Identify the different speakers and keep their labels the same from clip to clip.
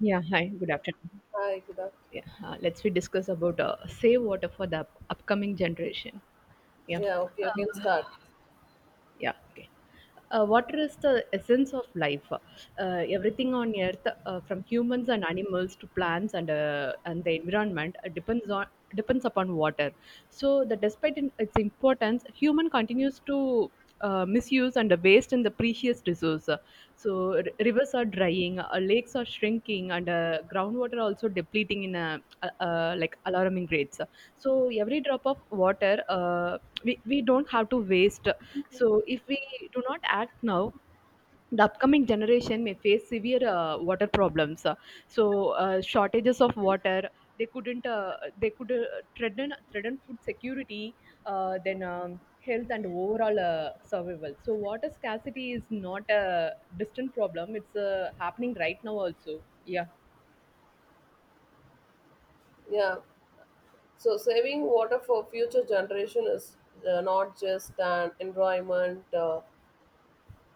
Speaker 1: Yeah, hi, good
Speaker 2: Yeah.
Speaker 1: afternoon.
Speaker 2: Hi, good
Speaker 1: Yeah,
Speaker 2: afternoon.
Speaker 1: let's we discuss about save water for the upcoming generation. Yeah.
Speaker 2: Yeah, okay, you can start.
Speaker 1: Yeah. Okay. Water is the essence of life. Everything on Earth, from humans and animals to plants and the environment, depends upon water. So, that despite in, its importance, human continues to misuse and waste in the precious resource. So, rivers are drying, lakes are shrinking, and groundwater also depleting in like alarming rates. So, every drop of water, we don't have to waste. So if we do not act now, the upcoming generation may face severe water problems, so shortages of water. They couldn't they could threaten food security, then health and overall survival. So water scarcity is not a distant problem, it's happening right now also. Yeah.
Speaker 2: Yeah. So saving water for future generation is not just an environment uh,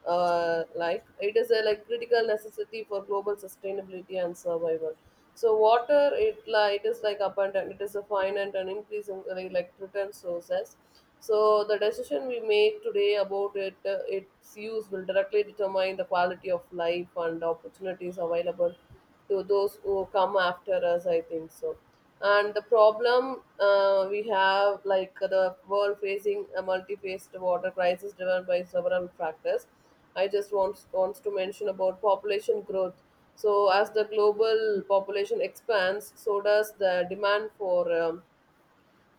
Speaker 2: uh, like it is a like critical necessity for global sustainability and survival. So water it like it is like abundant, it is a finite and increasing like return sources. So the decision we make today about it, its use will directly determine the quality of life and opportunities available to those who come after us, I think so. And the problem we have, like the world facing a multi-faced water crisis driven by several factors. I just want wants to mention about population growth. So as the global population expands, so does the demand for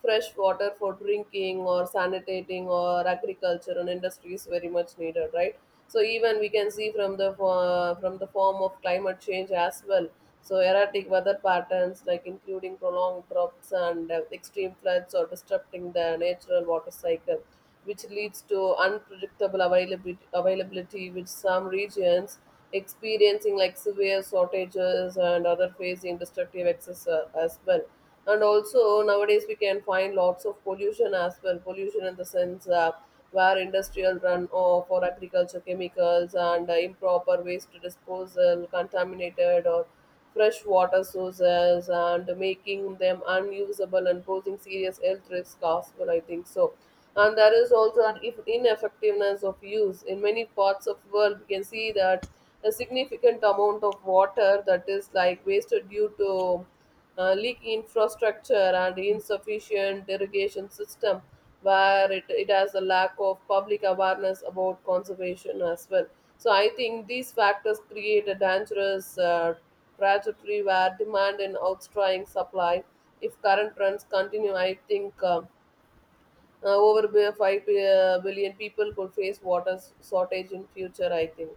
Speaker 2: fresh water for drinking or sanitating or agriculture and industry is very much needed, right? So even we can see from the from the form of climate change as well. So erratic weather patterns like including prolonged droughts and extreme floods or disrupting the natural water cycle, which leads to unpredictable availability with some regions experiencing like severe shortages and other facing destructive excess as well. And also nowadays we can find lots of pollution as well. Pollution in the sense where industrial runoff or agriculture chemicals and improper waste disposal, contaminated or fresh water sources and making them unusable and posing serious health risks possible, I think so. And there is also an ineffectiveness of use. In many parts of world, we can see that a significant amount of water that is like wasted due to leak infrastructure and insufficient irrigation system, where it has a lack of public awareness about conservation as well. So I think these factors create a dangerous trajectory where demand and outstripping supply. If current trends continue, I think over 5 billion people could face water shortage in future, I think.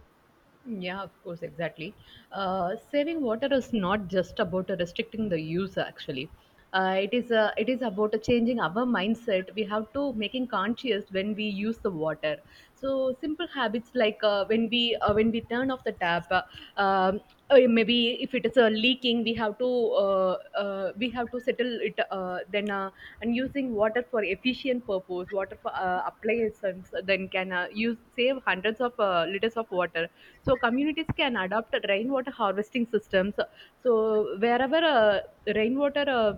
Speaker 1: Yeah, of course, exactly. Saving water is not just about restricting the use. Actually, it is about changing our mindset. We have to making conscious when we use the water. So simple habits like when we turn off the tap, um, maybe if it is leaking, we have to settle it. Then and using water for efficient purpose, water for appliances, then can use save hundreds of liters of water. So communities can adopt rainwater harvesting systems. So wherever rainwater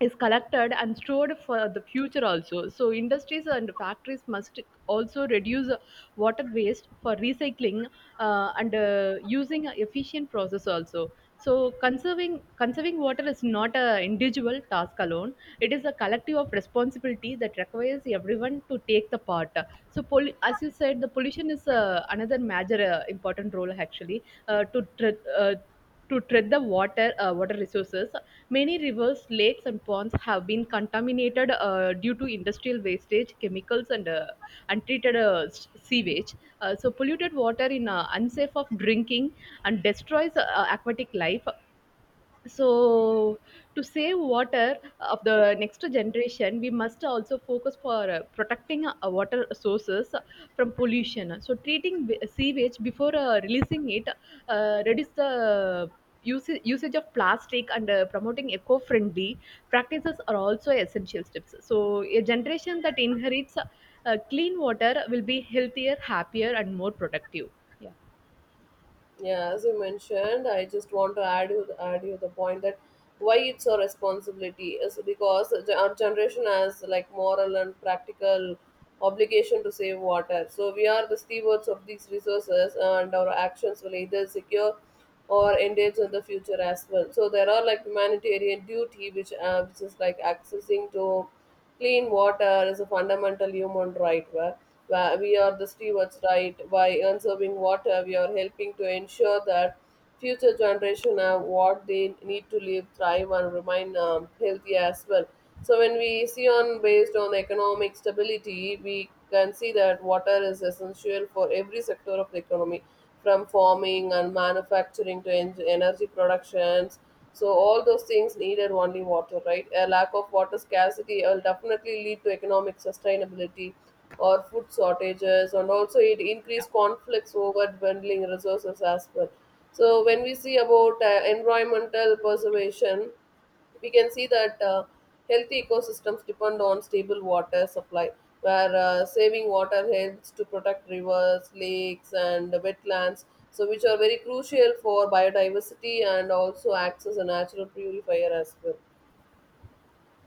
Speaker 1: is collected and stored for the future also. So industries and factories must also reduce water waste for recycling and using a efficient process also. So conserving water is not an individual task alone, it is a collective of responsibility that requires everyone to take the part. So as you said, the pollution is another major important role actually uh, to tre- uh, to treat the water resources. Many rivers, lakes and ponds have been contaminated due to industrial wastage chemicals and untreated sewage. Uh, so polluted water in unsafe of drinking and destroys aquatic life. So to save water of the next generation, we must also focus for protecting our water sources from pollution. So treating sewage before releasing it, reduce the usage of plastic, and promoting eco-friendly practices are also essential steps. So a generation that inherits clean water will be healthier, happier and more productive. Yeah.
Speaker 2: Yeah, as you mentioned, I just want to add you the point that why it's a responsibility is because our generation has like moral and practical obligation to save water. So we are the stewards of these resources, and our actions will either secure or endanger the future as well. So there are like humanitarian duty, which is like accessing to clean water is a fundamental human right. Well. We are the stewards, right? By conserving water, we are helping to ensure that future generations have what they need to live, thrive, and remain healthy as well. So when we see on based on economic stability, we can see that water is essential for every sector of the economy, from farming and manufacturing to energy productions. So all those things needed only water, right? A lack of water scarcity will definitely lead to economic sustainability or food shortages, and also it increased conflicts over dwindling resources as well. So when we see about environmental preservation, we can see that healthy ecosystems depend on stable water supply, where saving water helps to protect rivers, lakes and wetlands, so which are very crucial for biodiversity and also acts as a natural purifier as well.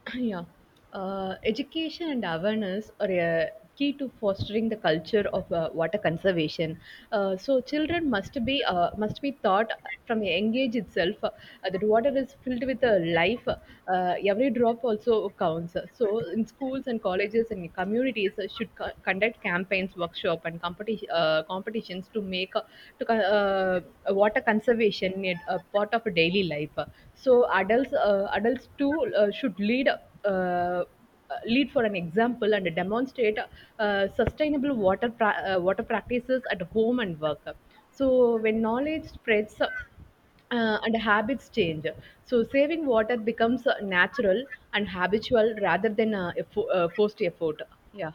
Speaker 1: Yeah. Education and awareness are a key to fostering the culture of water conservation. So children must be taught from a young age itself, that water is filled with life. Every drop also counts. So in schools and colleges and communities should conduct campaigns, workshop and competitions to make to co- uh, water conservation is a part of daily life. So adults too should lead. Uh, Lead for an example and demonstrate sustainable water practices at home and work. So when knowledge spreads and habits change, so saving water becomes natural and habitual rather than forced effort. Yeah.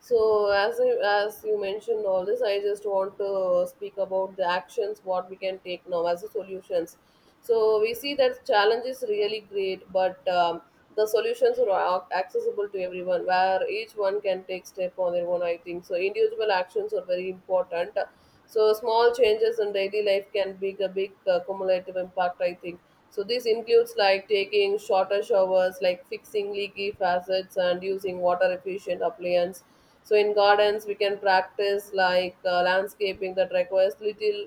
Speaker 2: So as I, as you mentioned all this, I just want to speak about the actions what we can take now as the solutions. So we see that challenge is really great, but the solutions are accessible to everyone, where each one can take step on their own. I think so. Individual actions are very important. So small changes in daily life can make a big cumulative impact, I think so. This includes like taking shorter showers, like fixing leaky facets, and using water efficient appliances. So in gardens, we can practice like landscaping that requires little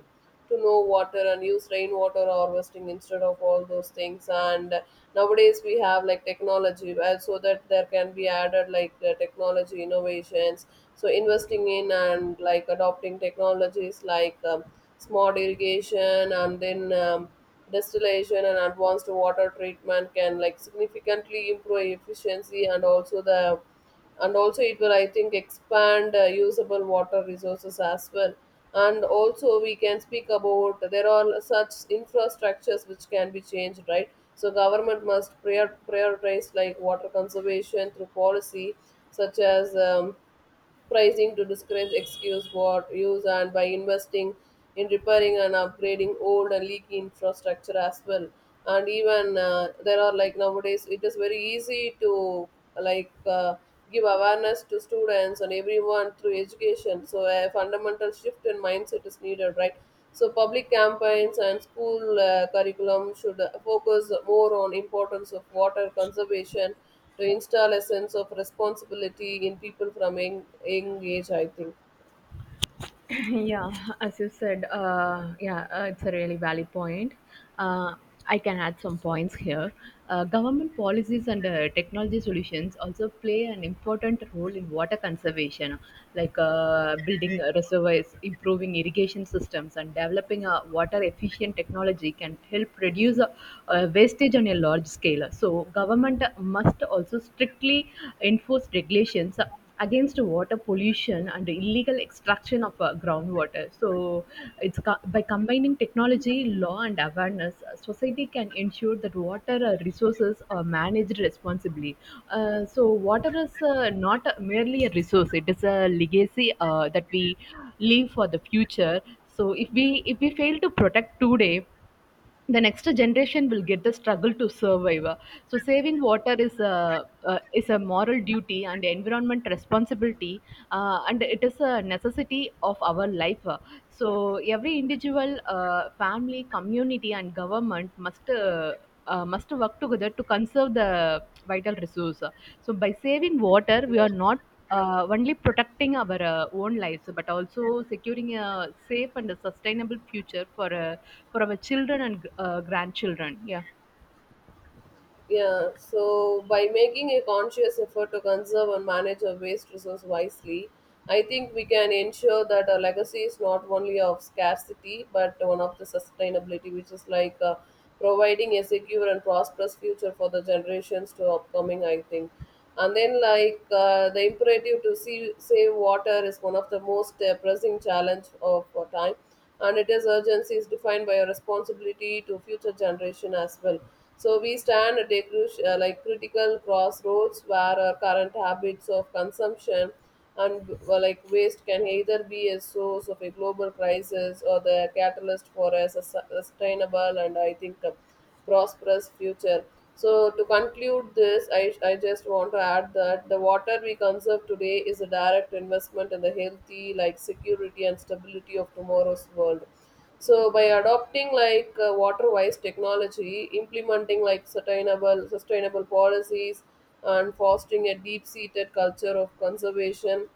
Speaker 2: to know water and use rainwater harvesting instead of all those things. And nowadays we have like technology so that there can be added like the technology innovations. So investing in and like adopting technologies like smart irrigation and then distillation and advanced water treatment can like significantly improve efficiency and also the, and also it will I think expand usable water resources as well. And also we can speak about there are such infrastructures which can be changed, right? So government must prioritize like water conservation through policy, such as pricing to discourage excuse war use and by investing in repairing and upgrading old and leaky infrastructure as well. And even there are like nowadays it is very easy to like uh, give awareness to students and everyone through education. So a fundamental shift in mindset is needed, right? So public campaigns and school curriculum should focus more on importance of water conservation to install a sense of responsibility in people from young age, I think.
Speaker 1: Yeah, as you said, it's a really valid point. uh, I can add some points here. Government policies and technology solutions also play an important role in water conservation, like building reservoirs, improving irrigation systems and developing a water efficient technology can help reduce wastage on a large scale. So government must also strictly enforce regulations against water pollution and illegal extraction of groundwater. So, by combining technology, law, and awareness, society can ensure that water resources are managed responsibly. So, water is not merely a resource; it is a legacy that we leave for the future. So, if we fail to protect today, the next generation will get the struggle to survive. So saving water is a moral duty and environment responsibility, and it is a necessity of our life. So every individual, family, community and government must work together to conserve the vital resource. So by saving water, we
Speaker 2: Yeah.
Speaker 1: are not only protecting our own lives but also securing a safe and a sustainable future for our children and grandchildren. Yeah.
Speaker 2: Yeah, so by making a conscious effort to conserve and manage our waste resource wisely, I think we can ensure that our legacy is not only of scarcity but one of the sustainability, which is like providing a secure and prosperous future for the generations to upcoming, I think. And then the imperative to save water is one of the most pressing challenge of our time, and it is urgency is defined by a responsibility to future generation as well. So we stand at a crucial, like critical crossroads where our current habits of consumption and well, like waste can either be a source of a global crisis or the catalyst for a sustainable and I think prosperous future. So, to conclude this, I just want to add that the water we conserve today is a direct investment in the healthy, like security and stability of tomorrow's world. So, by adopting like water-wise technology, implementing like sustainable policies, and fostering a deep-seated culture of conservation,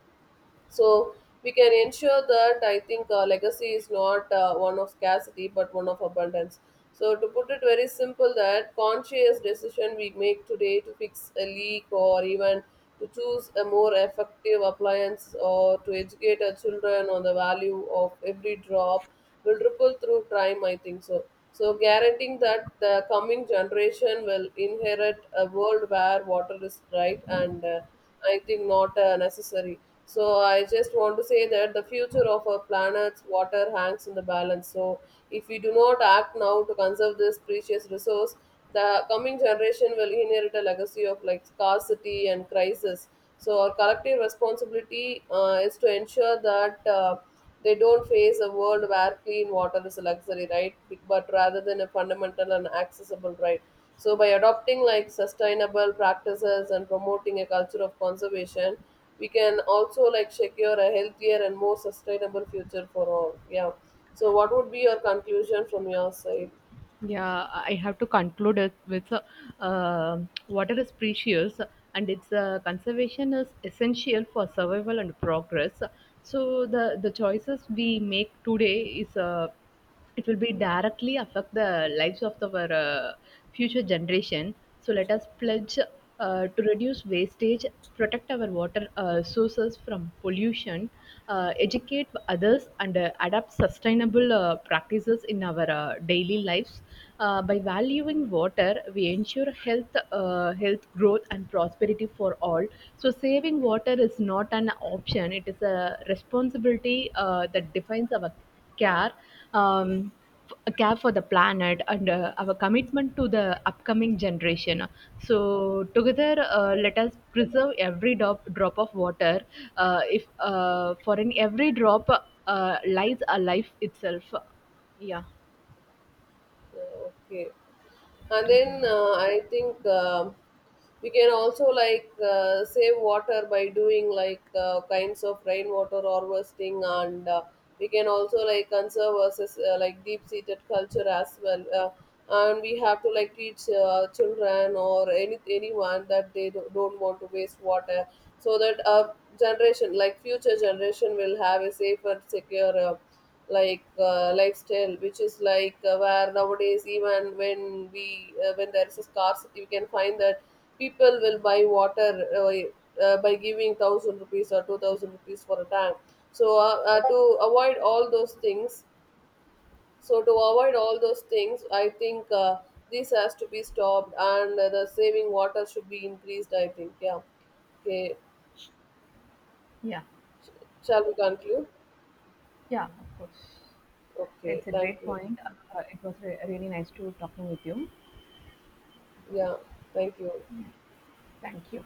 Speaker 2: so we can ensure that I think legacy is not one of scarcity but one of abundance. So to put it very simple that conscious decision we make today to fix a leak, or even to choose a more effective appliance, or to educate our children on the value of every drop will ripple through time, I think so. So guaranteeing that the coming generation will inherit a world where water is right and I think not necessary. So I just want to say that the future of our planet's water hangs in the balance. So if we do not act now to conserve this precious resource, the coming generation will inherit a legacy of like scarcity and crisis. So our collective responsibility is to ensure that. They don't face a world where clean water is a luxury, right? But rather than a fundamental and accessible right. So by adopting like sustainable practices and promoting a culture of conservation, we can also like secure a healthier and more sustainable future for all. Yeah. So what would be your conclusion from your side?
Speaker 1: Yeah, I have to conclude it with uh, water is precious and its conservation is essential for survival and progress. So the choices we make today is, it will be directly affect the lives of our future generation. So let us pledge to reduce wastage, protect our water sources from pollution, educate others, and adapt sustainable practices in our daily lives. By valuing water, we ensure health, health growth, and prosperity for all. So, saving water is not an option; it is a responsibility that defines our care. Um, a care for the planet and our commitment to the upcoming generation. So together, let us preserve every drop of water. If For in every drop lies a life itself. Yeah.
Speaker 2: Yeah, okay. And then I think we can also like save water by doing like kinds of rainwater harvesting, and we can also like conserve us like deep seated culture as well. And we have to like teach children or anyone that they don't want to waste water, so that our generation, like future generation, will have a safer secure lifestyle, which is like where nowadays even when we when there is a scarcity we can find that people will buy water by giving 1000 rupees or 2000 rupees for a tank. So to avoid all those things, so to avoid all those things, I think this has to be stopped, and the saving water should be increased, I think. Yeah. Okay.
Speaker 1: Yeah,
Speaker 2: Shall we conclude?
Speaker 1: yeah, of course.
Speaker 2: Okay,
Speaker 1: It's a
Speaker 2: thank
Speaker 1: great
Speaker 2: you.
Speaker 1: point. It was really nice to talking with you.
Speaker 2: Yeah, thank you.
Speaker 1: Thank you.